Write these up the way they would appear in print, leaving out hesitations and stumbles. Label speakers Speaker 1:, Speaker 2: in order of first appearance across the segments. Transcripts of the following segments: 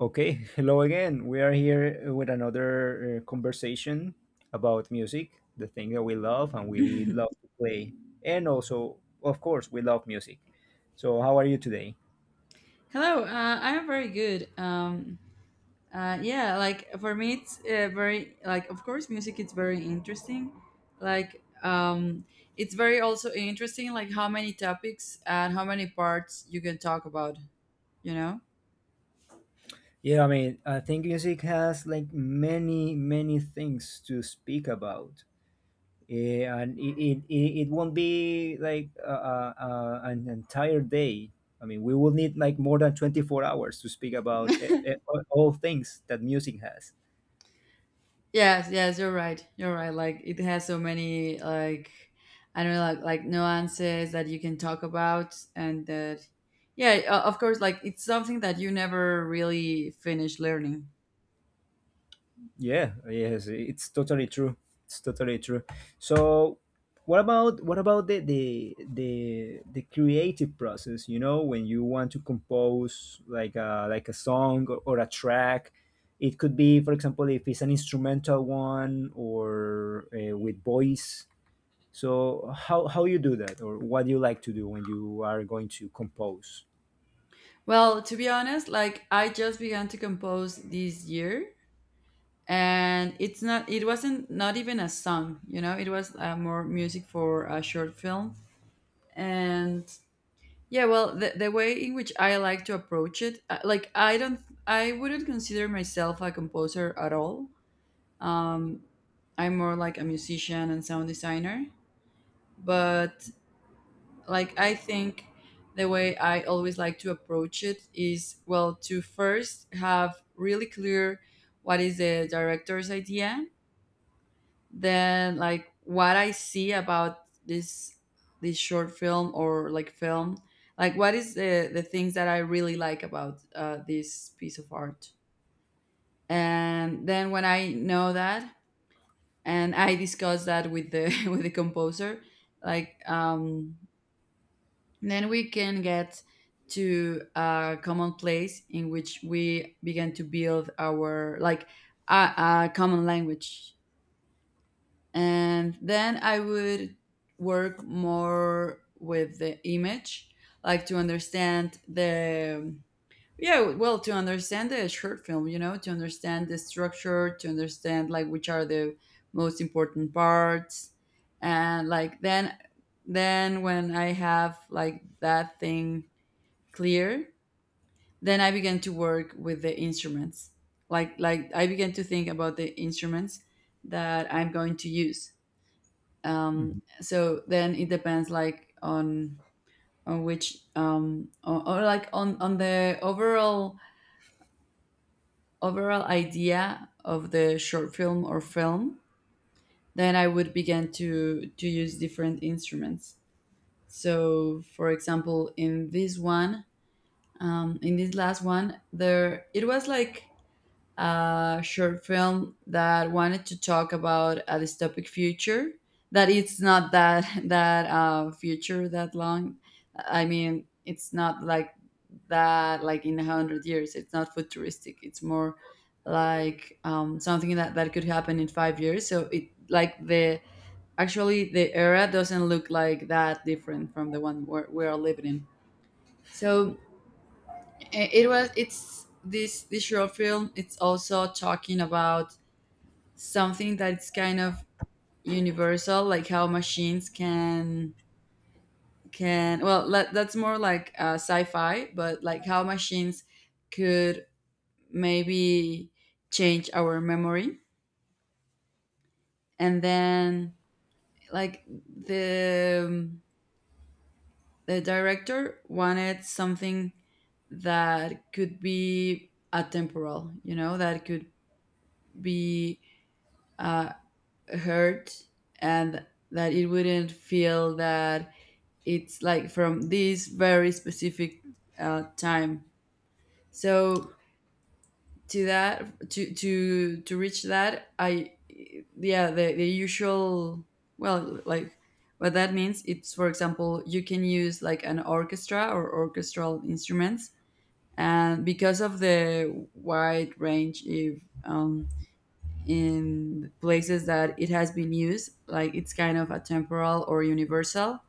Speaker 1: Okay, hello again. We are here with another conversation about music, the thing that we love and we love to play. And also, of course, we love music. So, how are you today?
Speaker 2: Hello, I'm very good. Yeah, like for me, it's very, like, of course music is very interesting. Like it's very also interesting, like how many topics and how many parts you can talk about. You know?
Speaker 1: Yeah, I mean, I think music has like many, many things to speak about. And it won't be like an entire day. I mean, we will need like more than 24 hours to speak about all things that music has.
Speaker 2: Yes, yes, you're right. You're right. Like, it has so many, like, I don't know, like nuances that you can talk about. And that, yeah, of course, like, it's something that you never really finish learning.
Speaker 1: Yeah, yes, it's totally true. It's totally true. So, what about the creative process? You know, when you want to compose like a song or a track, it could be, for example, if it's an instrumental one or with voice. So, how you do that, or what you like to do when you are going to compose?
Speaker 2: Well, to be honest, like, I just began to compose this year, and it wasn't not even a song, you know, it was more music for a short film. And yeah, well, the way in which I like to approach it, like, I don't, I wouldn't consider myself a composer at all. Um I'm more like a musician and sound designer, but, like, I think the way I always like to approach it is, well, to first have really clear what is the director's idea. Then, like, what I see about this short film or, like, film, like, what is the things that I really like about this piece of art. And then when I know that and I discuss that with the with the composer, like, then we can get to a common place in which we begin to build our, like, a, a common language. And then I would work more with the image, like, to understand the, yeah, well, to understand the short film, you know, to understand the structure, to understand, like, which are the most important parts. And, like, then when I have, like, that thing clear, then I began to work with the instruments, like, I began to think about the instruments that I'm going to use.
Speaker 1: Mhm.
Speaker 2: So then it depends, like, on which, or, like, on the overall idea of the short film or film. Then I would begin to use different instruments. So for example, in this one, in this last one, there, it was like a short film that wanted to talk about a dystopic future, that it's not that that future that long. I mean, it's not like that, like in 100 years. It's not futuristic, it's more like, something that could happen in 5 years. So it, like, the, actually the era doesn't look like that different from the one we're living in. So it's this short film, it's also talking about something that's kind of universal, like how machines can, well that's more like sci-fi, but like how machines could maybe change our memory. And then, like, the director wanted something that could be atemporal, you know, that could be uh, heard, and that it wouldn't feel that it's like from this very specific time. So to that to reach that, I, yeah, the usual, well, like, what that means, it's, for example, you can use like an orchestra or orchestral instruments, and because of the wide range, if, in places that it has been used, like, it's kind of a temporal or universal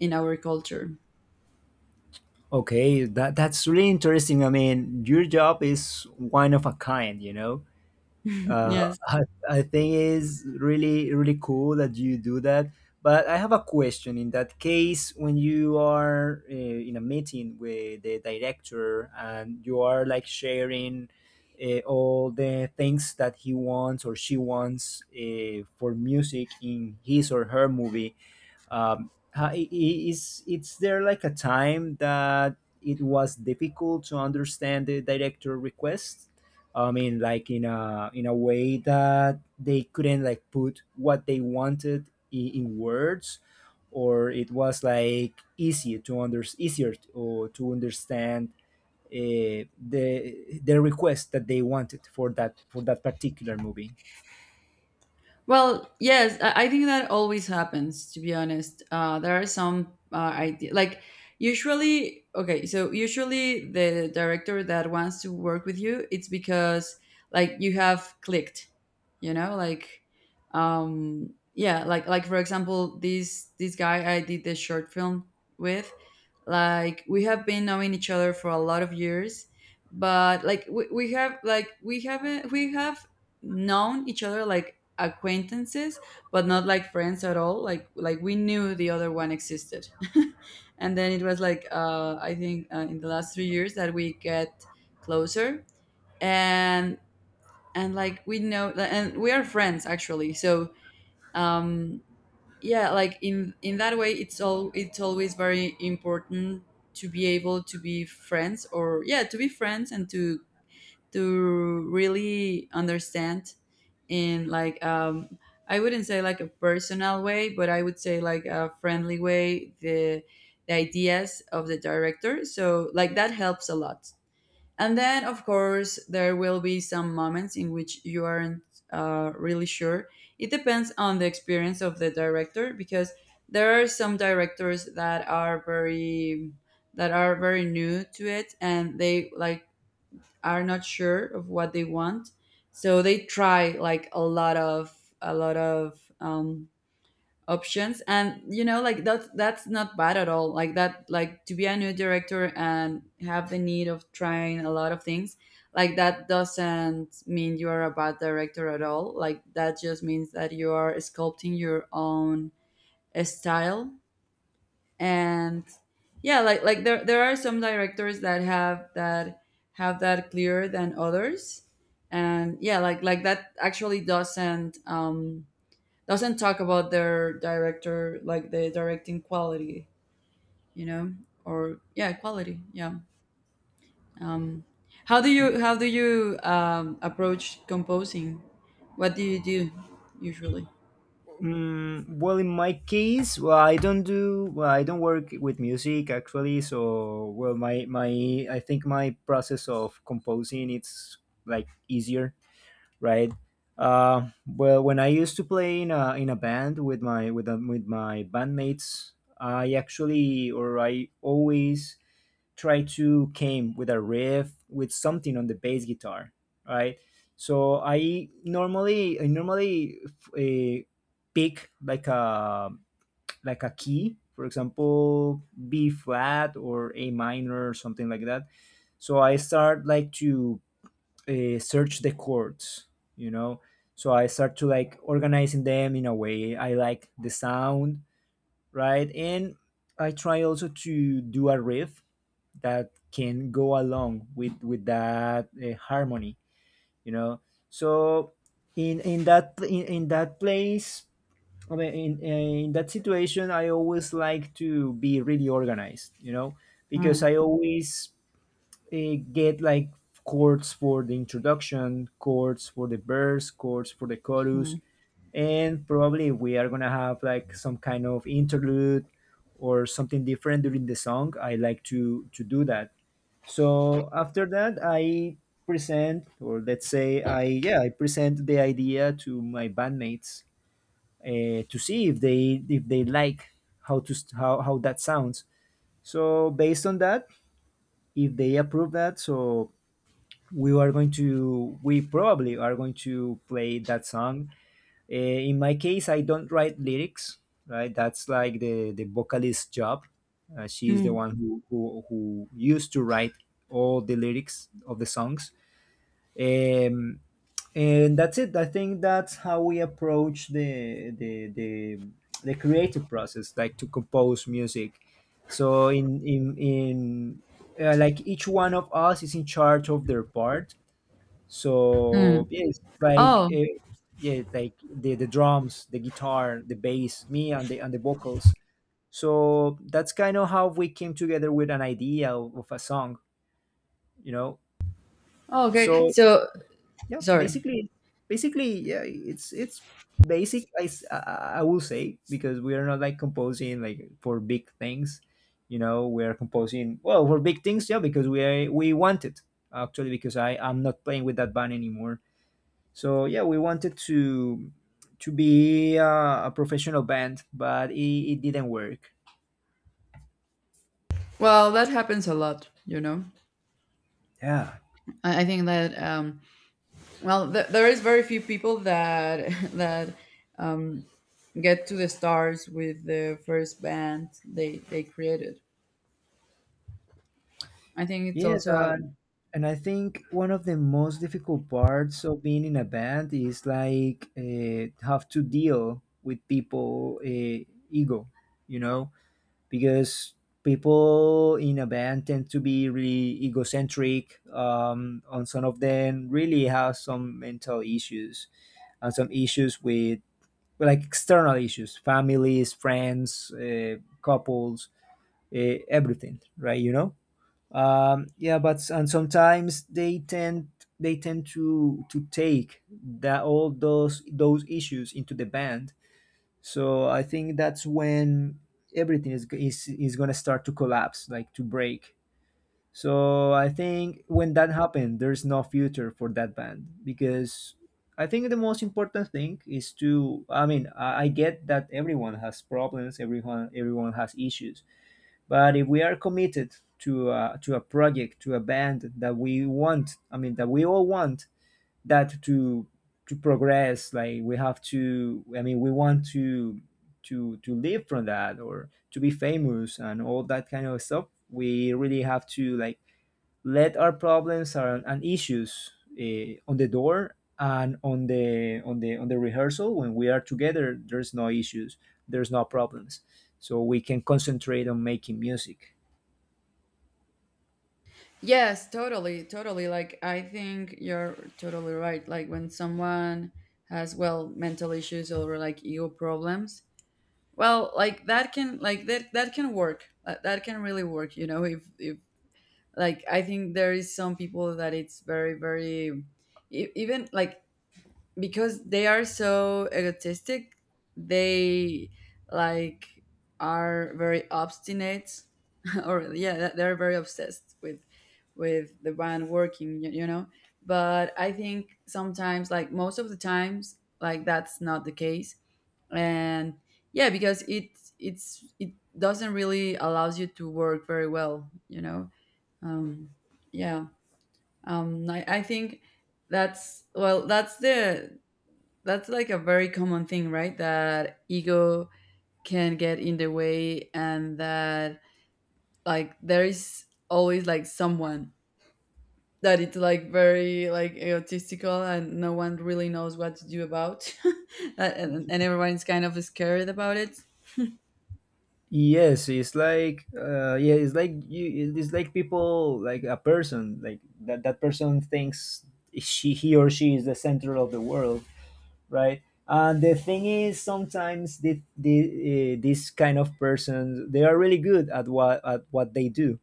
Speaker 2: in our culture.
Speaker 1: Okay, that's really interesting. I mean, your job is one of a kind, you know. Uh,
Speaker 2: Yes.
Speaker 1: I, I think it's really, really cool that you do that. But I have a question. In that case, when you are in a meeting with the director and you are like sharing all the things that he wants or she wants for music in his or her movie, is it's there like a time that it was difficult to understand the director request. I mean, like in a way that they couldn't like put what they wanted in words, or it was like easy to under easier to, or to understand the request that they wanted for that particular movie.
Speaker 2: Well, yes, I think that always happens, to be honest. There are some idea, like, usually, okay, so usually the director that wants to work with you, it's because, like, you have clicked, you know, like, yeah, like, for example, this guy I did this short film with, like, we have been knowing each other for a lot of years, but like we have, like, we haven't we have known each other, like, acquaintances, but not like friends at all, like we knew the other one existed. And then it was like, I think, in the last 3 years that we get closer, and and, like, we know, and we are friends actually. So, um yeah, like, in that way, it's all it's always very important to be able to be friends, or, yeah, to be friends and to really understand, in, like, I wouldn't say like a personal way, but I would say like a friendly way, the ideas of the director. So, like, that helps a lot. And then, of course, there will be some moments in which you aren't really sure. It depends on the experience of the director, because there are some directors that are very, that are very new to it, and they, like, are not sure of what they want. So they try, like, a lot of a lot of um, options. And you know, like, that's not bad at all, like that like, to be a new director and have the need of trying a lot of things. Like, that doesn't mean you are a bad director at all, like, that just means that you are sculpting your own style. And yeah, like, there are some directors that have that clearer than others. And yeah, like that actually doesn't, doesn't talk about their director, like, the directing quality, you know, or, yeah, quality, yeah. How do you approach composing? What do you do, usually?
Speaker 1: Mm, well, in my case, well, I don't do, well, I don't work with music actually. So, well, I think my process of composing it's like easier, right? Well, when I used to play in a band with with my bandmates, I actually or I always try to came with a riff with something on the bass guitar, right? So I normally uh, pick like a key, for example, B flat or A minor or something like that. So I start like to search the chords, you know. So I start to like organizing them in a way I like the sound, right? And I try also to do a riff that can go along with that harmony, you know. So in in that place, I mean, in that situation, I always like to be really organized, you know, because I always get like chords for the introduction, chords for the verse, chords for the chorus,
Speaker 2: Mm.
Speaker 1: and probably we are gonna have like some kind of interlude or something different during the song. I like to do that. So after that, I present, or let's say I yeah, I present the idea to my bandmates to see if they like how to st- how that sounds. So based on that, if they approve that, so we probably are going to play that song. Uh, in my case, I don't write lyrics, right? That's like the vocalist's job. She is the
Speaker 2: Mm.
Speaker 1: one who, who used to write all the lyrics of the songs, um, and that's it. I think that's how we approach the creative process, like to compose music. So in like each one of us is in charge of their part. So yes, it's like
Speaker 2: Oh,
Speaker 1: yeah, like the drums, the guitar, the bass, me, and the vocals. So that's kind of how we came together with an idea of a song, you know.
Speaker 2: oh, okay,
Speaker 1: So
Speaker 2: so
Speaker 1: yeah,
Speaker 2: sorry.
Speaker 1: basically. Basically yeah it's basic I, s- I will say, because we are not like composing like for big things, you know. We are composing well for big things, yeah, because we are, we want it, actually because I'm not playing with that band anymore. So yeah, we wanted to be a professional band, but it didn't work.
Speaker 2: Well, that happens a lot, you know.
Speaker 1: Yeah.
Speaker 2: I think that, well, there is very few people that that um, get to the stars with the first band they created. I think it's
Speaker 1: Yes,
Speaker 2: also a—
Speaker 1: and I think one of the most difficult parts of being in a band is like have to deal with people ego, you know, because people in a band tend to be really egocentric. And some of them really have some mental issues, and some issues with external issues, families, friends, couples, everything, right? You know, yeah, but and sometimes they tend. They tend to take that, all those issues, into the band. So I think that's when everything is going to start to collapse, like to break. So I think when that happens, there's no future for that band, because I think the most important thing is to, I mean, I get that everyone has problems, everyone has issues. But if we are committed to a project, to a band that we want, I mean, that we all want, that to progress, like we have to, I mean, we want to to live from that or to be famous and all that kind of stuff. We really have to like let our problems or and issues on the door, and on the on the rehearsal, when we are together, there's no issues. There's no problems. So we can concentrate on making music.
Speaker 2: Yes, totally, totally. Like, I think you're totally right. Like, when someone has, well, mental issues or like ego problems, well, like that can, like, that can work. That can really work, you know, if, like, I think there is some people that it's very, very, even like, because they are so egotistic, they, like, are very obstinate, or, yeah, they're very obsessed with the band working, you know. But I think sometimes, like most of the times, like, that's not the case. And yeah, because it doesn't really allows you to work very well, you know. um yeah. I think that's, well, that's like a very common thing, right? That ego can get in the way, and that, like, there is always, like, someone that it's like very, like, egotistical, and no one really knows what to do about. And, everyone's kind of scared about it.
Speaker 1: Yes, it's like yeah, it's like you, it's like people like a person like that. That person thinks she, he or she is the center of the world, right? And the thing is, sometimes this kind of persons, they are really good at what they do.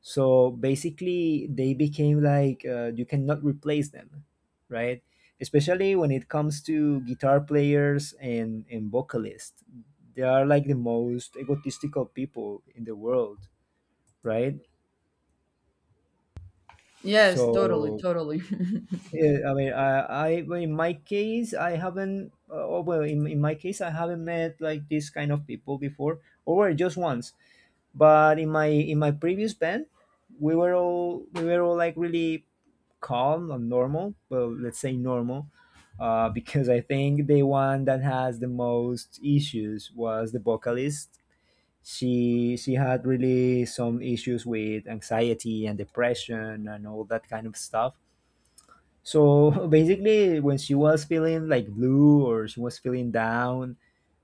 Speaker 1: So basically, they became like you cannot replace them, right? Especially when it comes to guitar players and vocalists, they are like the most egotistical people in the world, right?
Speaker 2: Yes, totally,
Speaker 1: So
Speaker 2: totally.
Speaker 1: yeah, I mean, I well, in my case, I haven't. Oh, well, in my case, I haven't met like this kind of people before, or well, just once. But in my previous band, we were all like really calm and normal. Well, let's say normal, because I think the one that has the most issues was the vocalist. She had really some issues with anxiety and depression and all that kind of stuff. So basically, when she was feeling like blue or she was feeling down,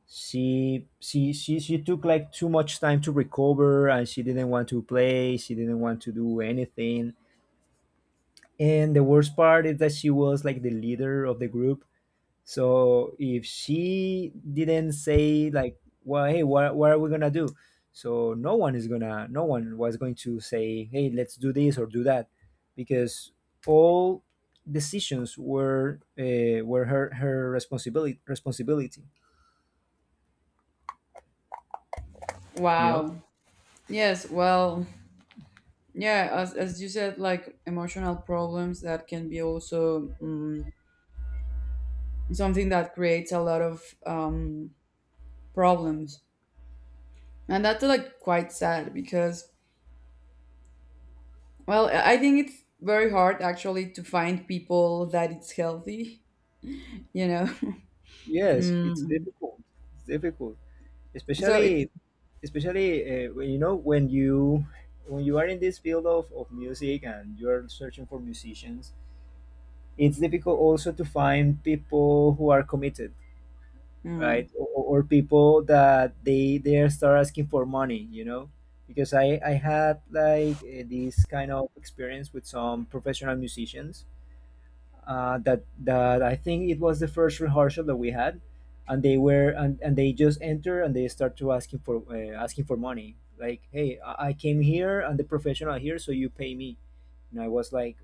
Speaker 1: she took like too much time to recover, and she didn't want to play. She didn't want to do anything. And the worst part is that she was like the leader of the group. So if she didn't say like, well, hey, what are we gonna do? So no one was going to say, hey, let's do this or do that, because all decisions were her responsibility. You know.
Speaker 2: Wow. Yes, well, yeah, as you said, like, emotional problems, that can be also, something that creates a lot of, problems. And that's, like, quite sad, because, well, I think it's very hard actually to find people that it's healthy, you know.
Speaker 1: Yes, it's
Speaker 2: Mm.
Speaker 1: difficult. It's difficult,
Speaker 2: So it's—
Speaker 1: especially you know, when you are in this field of music, and you are searching for musicians, it's difficult also to find people who are committed,
Speaker 2: Mm.
Speaker 1: right? Or people that they start asking for money, you know. Because I had like this kind of experience with some professional musicians, that I think it was the first rehearsal that we had, and they were, and they just enter, and they start to asking for asking for money. Like, hey, I came here and the professional here, so you pay me. And I was like,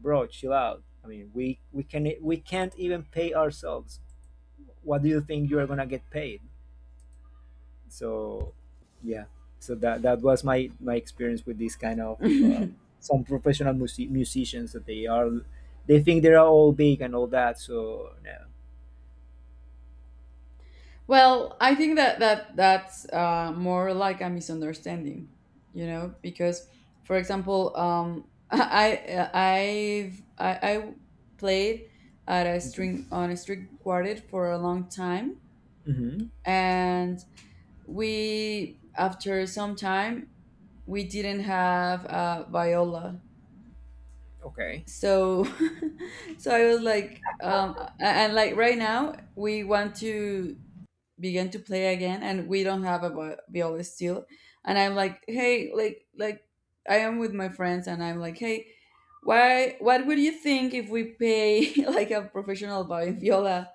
Speaker 1: bro, chill out. I mean, we can't even pay ourselves. What do you think you are gonna get paid? So yeah. So that was my my experience with this kind of some professional musicians that they are. They think they are all big and all that. So yeah.
Speaker 2: Well, I think that that's more like a misunderstanding, you know, because, for example, I've I, I played at a string on a string quartet for a long time.
Speaker 1: Hmm.
Speaker 2: And we, after some time, we didn't have a viola.
Speaker 1: Okay,
Speaker 2: So so I was like, and, like, right now we want to begin to play again and we don't have a viola still. And I'm like, hey, like, I am with my friends, and I'm like, hey, why, what would you think if we pay like a professional viola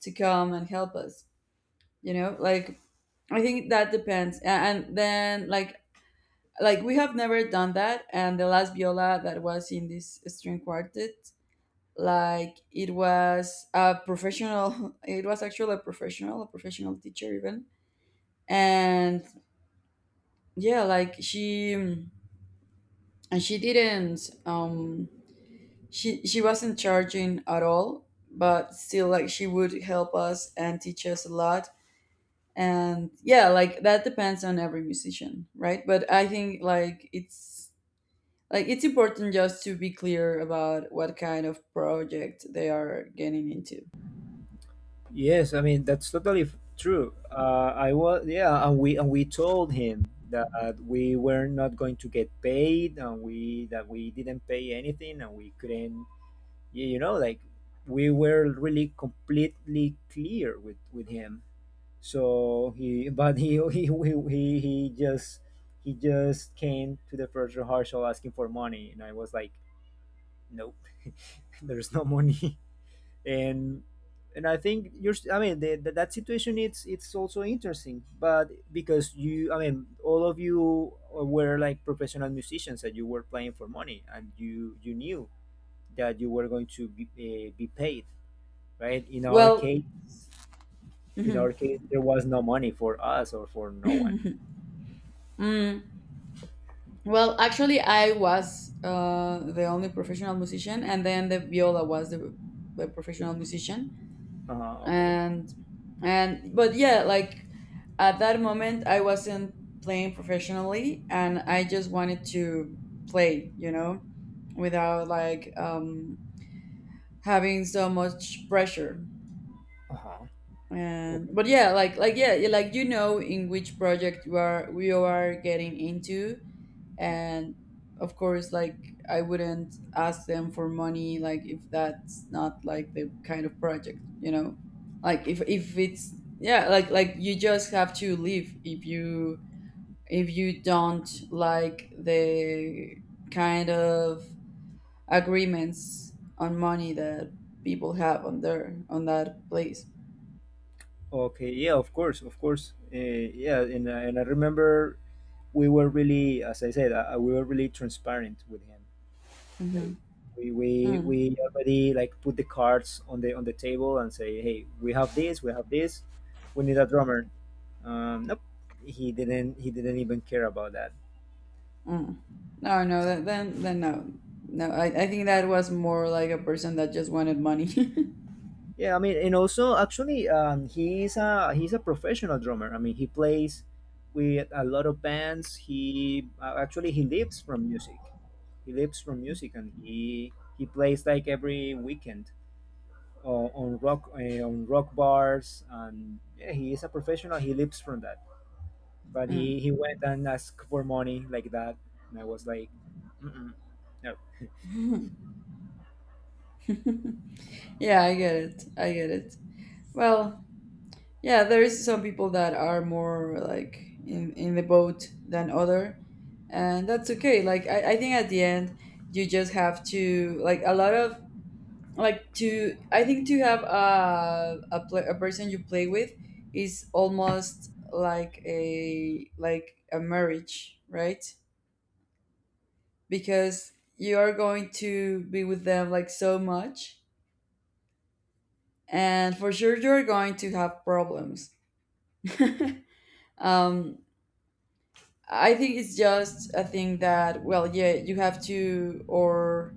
Speaker 2: to come and help us, you know? Like, I think that depends. And then, like, we have never done that. And the last viola that was in this string quartet, like, it was a professional, it was actually a professional, teacher even. And yeah, like, she, and she didn't she wasn't charging at all, but still, like, she would help us and teach us a lot. And yeah, like, that depends on every musician, right? But I think, like, it's, like, it's important just to be clear about what kind of project they are getting into.
Speaker 1: yes, I mean, that's totally true. Uh, I was, yeah, and we told him that we were not going to get paid, and we that we didn't pay anything and we couldn't. You know, like, we were really completely clear with him. So he, but he just came to the first rehearsal asking for money, and I was like, nope, there's no money, and and I think you're. I mean, the, that situation, it's also interesting, but because you, I mean, all of you were like professional musicians that you were playing for money, and you knew that you were going to be paid, right? In our
Speaker 2: Well.
Speaker 1: case, in
Speaker 2: Mhm.
Speaker 1: our case, there was no money for us or for no one.
Speaker 2: Mm. Well, actually, I was the only professional musician, and then the viola was the professional musician.
Speaker 1: Okay.
Speaker 2: And but yeah, like, at that moment, I wasn't playing professionally, and I just wanted to play, you know, without, like, having so much pressure.
Speaker 1: Uh-huh. Okay.
Speaker 2: And but yeah, like, yeah, like, you know, in which project you are getting into. And
Speaker 1: Hmm.
Speaker 2: of course, like, I wouldn't ask them for money, like, if that's not, like, the kind of project, you know, like, if, it's, yeah, like, you just have to leave if you, don't like the kind of agreements on money that people have on their on that place.
Speaker 1: Okay. Yeah. Of course. Of course. Yeah. And I remember we were really, as I said, we were really transparent with him. Like
Speaker 2: Hmm.
Speaker 1: we we
Speaker 2: Mm.
Speaker 1: we already like put the cards on the table and say, hey, we have this, we have this, we need a drummer. Nope. He didn't. He didn't even care about that.
Speaker 2: Mm. no no th- then no no I think that was more like a person that just wanted money.
Speaker 1: Yeah, I mean, and also actually, he's a professional drummer. I mean, he plays with a lot of bands. He actually he lives from music. He lives from music, and he plays like every weekend on rock bars. And yeah, he is a professional. He lives from that. But
Speaker 2: Mm.
Speaker 1: he went and asked for money like that, and I was like, mm-mm, no,
Speaker 2: Yeah, I get it. I get it. Well, yeah, there is some people that are more like in the boat than other, and that's okay. Like I think at the end you just have to like a lot of like to I think to have a person you play with is almost like a marriage, right? Because you are going to be with them like so much and for sure you're going to have problems. um, I think it's just a thing that well, yeah, you have to or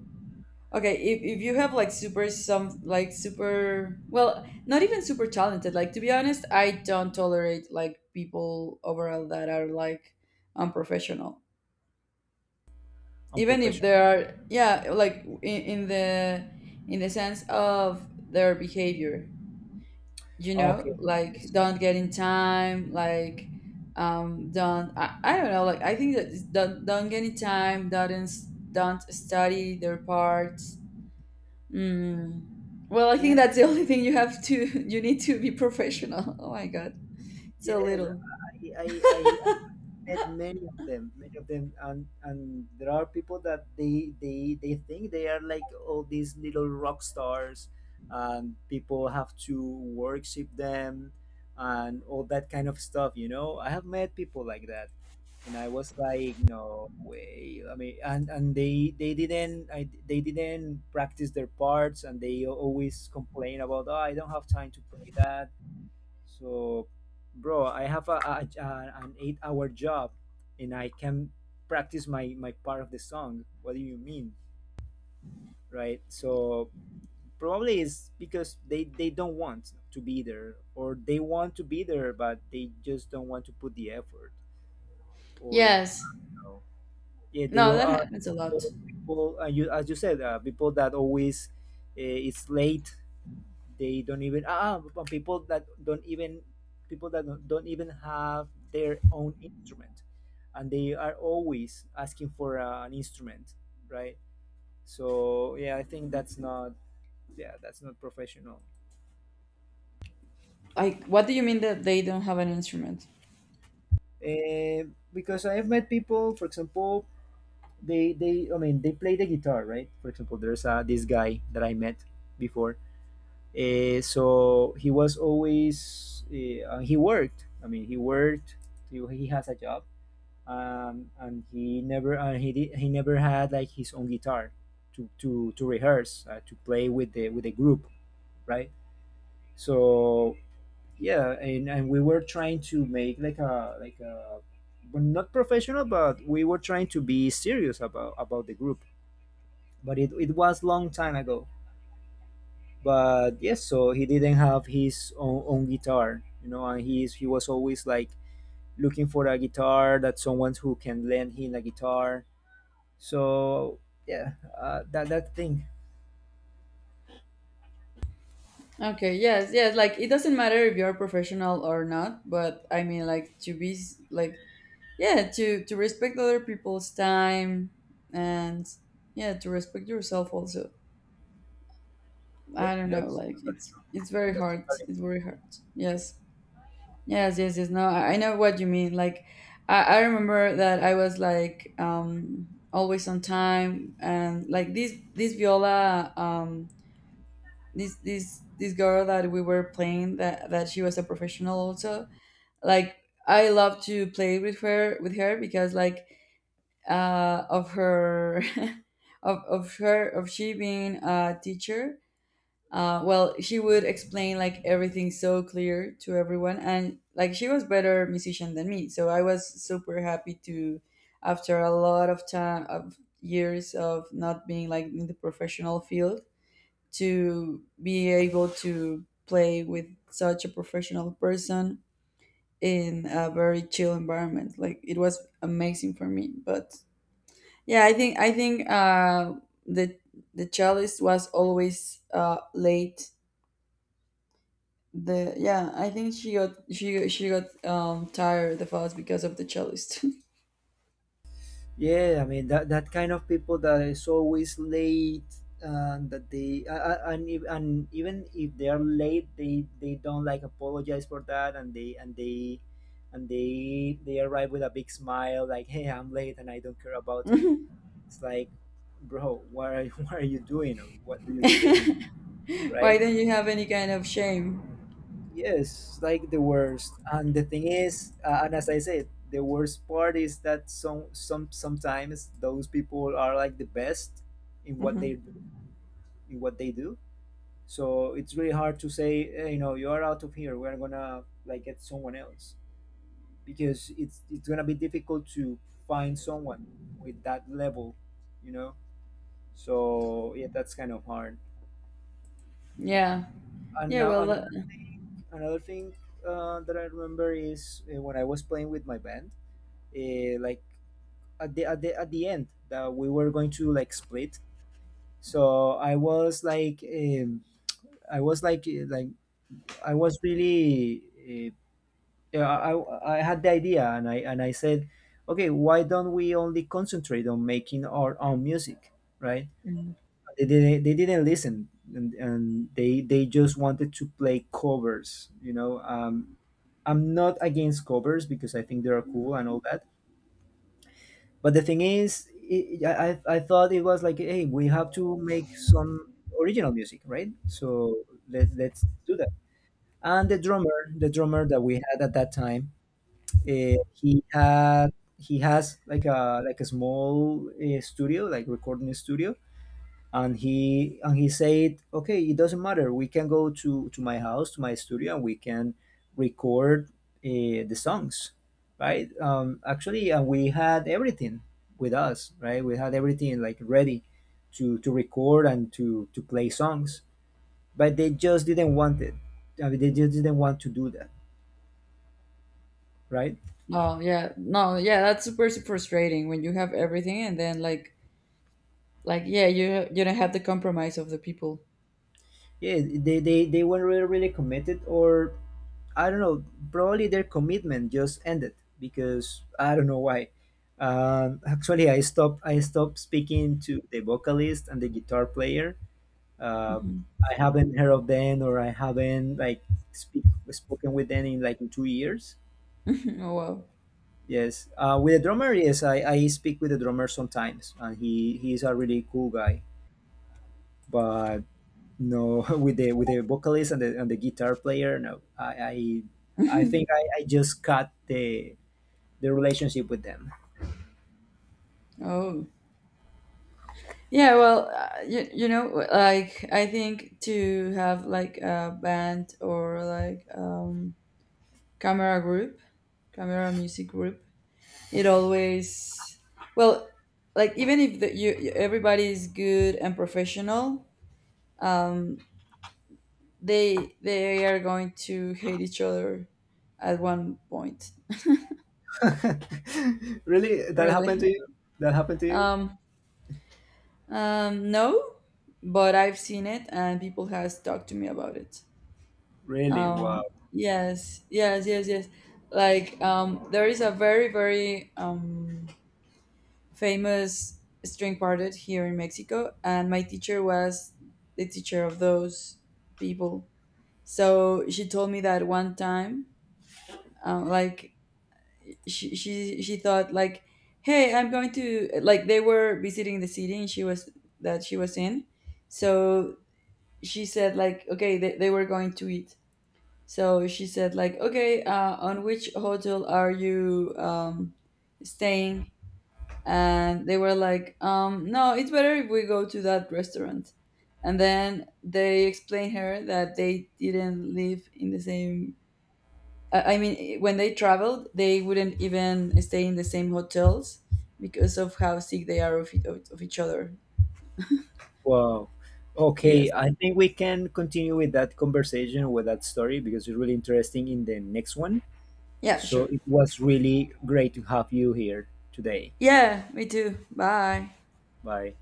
Speaker 2: okay if you have like super some like super well not even super talented, like to be honest, I don't tolerate like people overall that are like unprofessional,
Speaker 1: I'm
Speaker 2: even if
Speaker 1: professional.
Speaker 2: they are, yeah, like in the in the sense of their behavior, you know,
Speaker 1: Okay,
Speaker 2: like
Speaker 1: yes.
Speaker 2: don't get in time like don't I don't know, like I think that it's don't get in time don't study their parts. Mm. Well, I
Speaker 1: Yeah,
Speaker 2: think that's the only thing you have to you need to be professional. Oh my god, so
Speaker 1: yes.
Speaker 2: little.
Speaker 1: I met many of them, and there are people that they think they are like all these little rock stars, and people have to worship them, and all that kind of stuff. You know, I have met people like that, and I was like, no way. I mean, and they didn't practice their parts, and they always complain about, oh, I don't have time to play that so, bro, I have an 8 hour job and I can practice my part of the song. What do you mean? Right? So, probably it's because they don't want to be there or they want to be there, but they just don't want to put the effort or,
Speaker 2: Yes.
Speaker 1: you know, yeah, they
Speaker 2: No,
Speaker 1: are
Speaker 2: that happens a lot.
Speaker 1: people, as you said, people that always is late. They don't even people that don't even people that don't even have their own instrument and they are always asking for an instrument, right? So yeah, I think that's not, yeah, that's not professional.
Speaker 2: Like what do you mean that they don't have an instrument?
Speaker 1: Eh, because I've met people, for example, they I mean they play the guitar, right? For example, there's this guy that I met before. Eh, so he was always he worked, he worked, he has a job, and he never he never had like his own guitar to rehearse, to play with the group, right? So yeah, and we were trying to make like a but not professional, but we were trying to be serious about the group. But it was long time ago. But yes, so he didn't have his own, own guitar, you know, and he was always like looking for a guitar that someone who can lend him a guitar. So yeah, that thing.
Speaker 2: Okay, yes, yes, like it doesn't matter if you're professional or not, but I mean, like to be like yeah, to respect other people's time, and yeah, to respect yourself also. I
Speaker 1: Yep,
Speaker 2: don't know, like it's very
Speaker 1: that's
Speaker 2: hard,
Speaker 1: totally.
Speaker 2: it's very hard. Yes, yes, yes, yes. No, I know what you mean. Like I remember that I was like always on time, and like this viola, this girl that we were playing that, she was a professional also. Like I love to play with her because like of her, of her, of she being a teacher. Well, she would explain like everything so clear to everyone, and like she was better musician than me, so I was super happy to, after a lot of time of years of not being like in the professional field, to be able to play with such a professional person in a very chill environment. Like it was amazing for me, but yeah, I think the the cellist was always late. The yeah, I think she got she got tired of us because of the cellist.
Speaker 1: Yeah, I mean that that kind of people that is always late and that they and ev- and even if they are late, they don't like apologize for that and they arrive with a big smile like, hey, I'm late and I don't care about it.
Speaker 2: Why
Speaker 1: It's like, bro, what are you, what are you doing? What do you think, right?
Speaker 2: don't you have any kind of shame?
Speaker 1: Yes, like the worst. And the thing is, and as I said, the worst part is that sometimes those people are like the best in what they
Speaker 2: Hmm.
Speaker 1: in what they do. So it's really hard to say, "Hey, you know, you are out of here. We're gonna like get someone else because it's gonna be difficult to find someone with that level, you know." So yeah, that's kind of hard.
Speaker 2: Yeah,
Speaker 1: And
Speaker 2: yeah.
Speaker 1: now
Speaker 2: Well, that,
Speaker 1: another thing that I remember is when I was playing with my band, like at the, at the at the end that we were going to like split. So I was like, I was like I was really I had the idea and I said, okay, why don't we only concentrate on making our own music, right?
Speaker 2: mhm.
Speaker 1: They didn't, they didn't listen, and they just wanted to play covers, you know. I'm not against covers because I think they are cool and all that. But the thing is, I thought it was like, hey, we have to make some original music, right? So let's do that. And the drummer that we had at that time, uh, he had he has like a small studio, like recording studio, and he said, okay, it doesn't matter, we can go to my house to my studio and we can record the songs, right. Actually, and we had everything with us, right? We had everything like ready to record and to play songs, but they just didn't want it. I mean, they just didn't want to do that, right?
Speaker 2: Oh yeah, no, yeah. That's super frustrating when you have everything and then like yeah, you don't have the compromise of the people.
Speaker 1: Yeah, they weren't really, really committed, or I don't know, probably their commitment just ended because I don't know why. Actually, I stopped speaking to the vocalist and the guitar player, uh,
Speaker 2: Mhm.
Speaker 1: I haven't heard of them, or I haven't like speak spoken with them in like in 2 years.
Speaker 2: Oh wow.
Speaker 1: Yes, with the drummer, yes, I speak with the drummer sometimes and he he's a really cool guy. But no, with the vocalist and the guitar player, no. I think I just cut the relationship with them.
Speaker 2: Oh. Yeah, well, you, you know, like I think to have like a band or like camera group, camera music group, it always, well, like even if the, everybody is good and professional, um they are going to hate each other at one point,
Speaker 1: Really, that happened to
Speaker 2: really.
Speaker 1: you? That happened to you?
Speaker 2: Um um no, but I've seen it and people has talked to me about it.
Speaker 1: Really? Wow.
Speaker 2: um yes, yes, yes, yes. Like there is a very very famous string quartet here in Mexico, and my teacher was the teacher of those people. So she told me that one time, like she she thought like hey, I'm going to like, they were visiting the city and she was, that she was in, so she said like, okay, they were going to eat. So she said, like, okay, on which hotel are you staying? And they were like, no, it's better if we go to that restaurant. And then they explained her that they didn't live in the same. I mean, when they traveled, they wouldn't even stay in the same hotels because of how sick they are of, of each other.
Speaker 1: Wow. Okay,
Speaker 2: Yes.
Speaker 1: I think we can continue with that conversation with that story because it's really interesting in the next one.
Speaker 2: Yeah.
Speaker 1: So
Speaker 2: Sure.
Speaker 1: it was really great to have you here today.
Speaker 2: Yeah. Me too. Bye.
Speaker 1: Bye.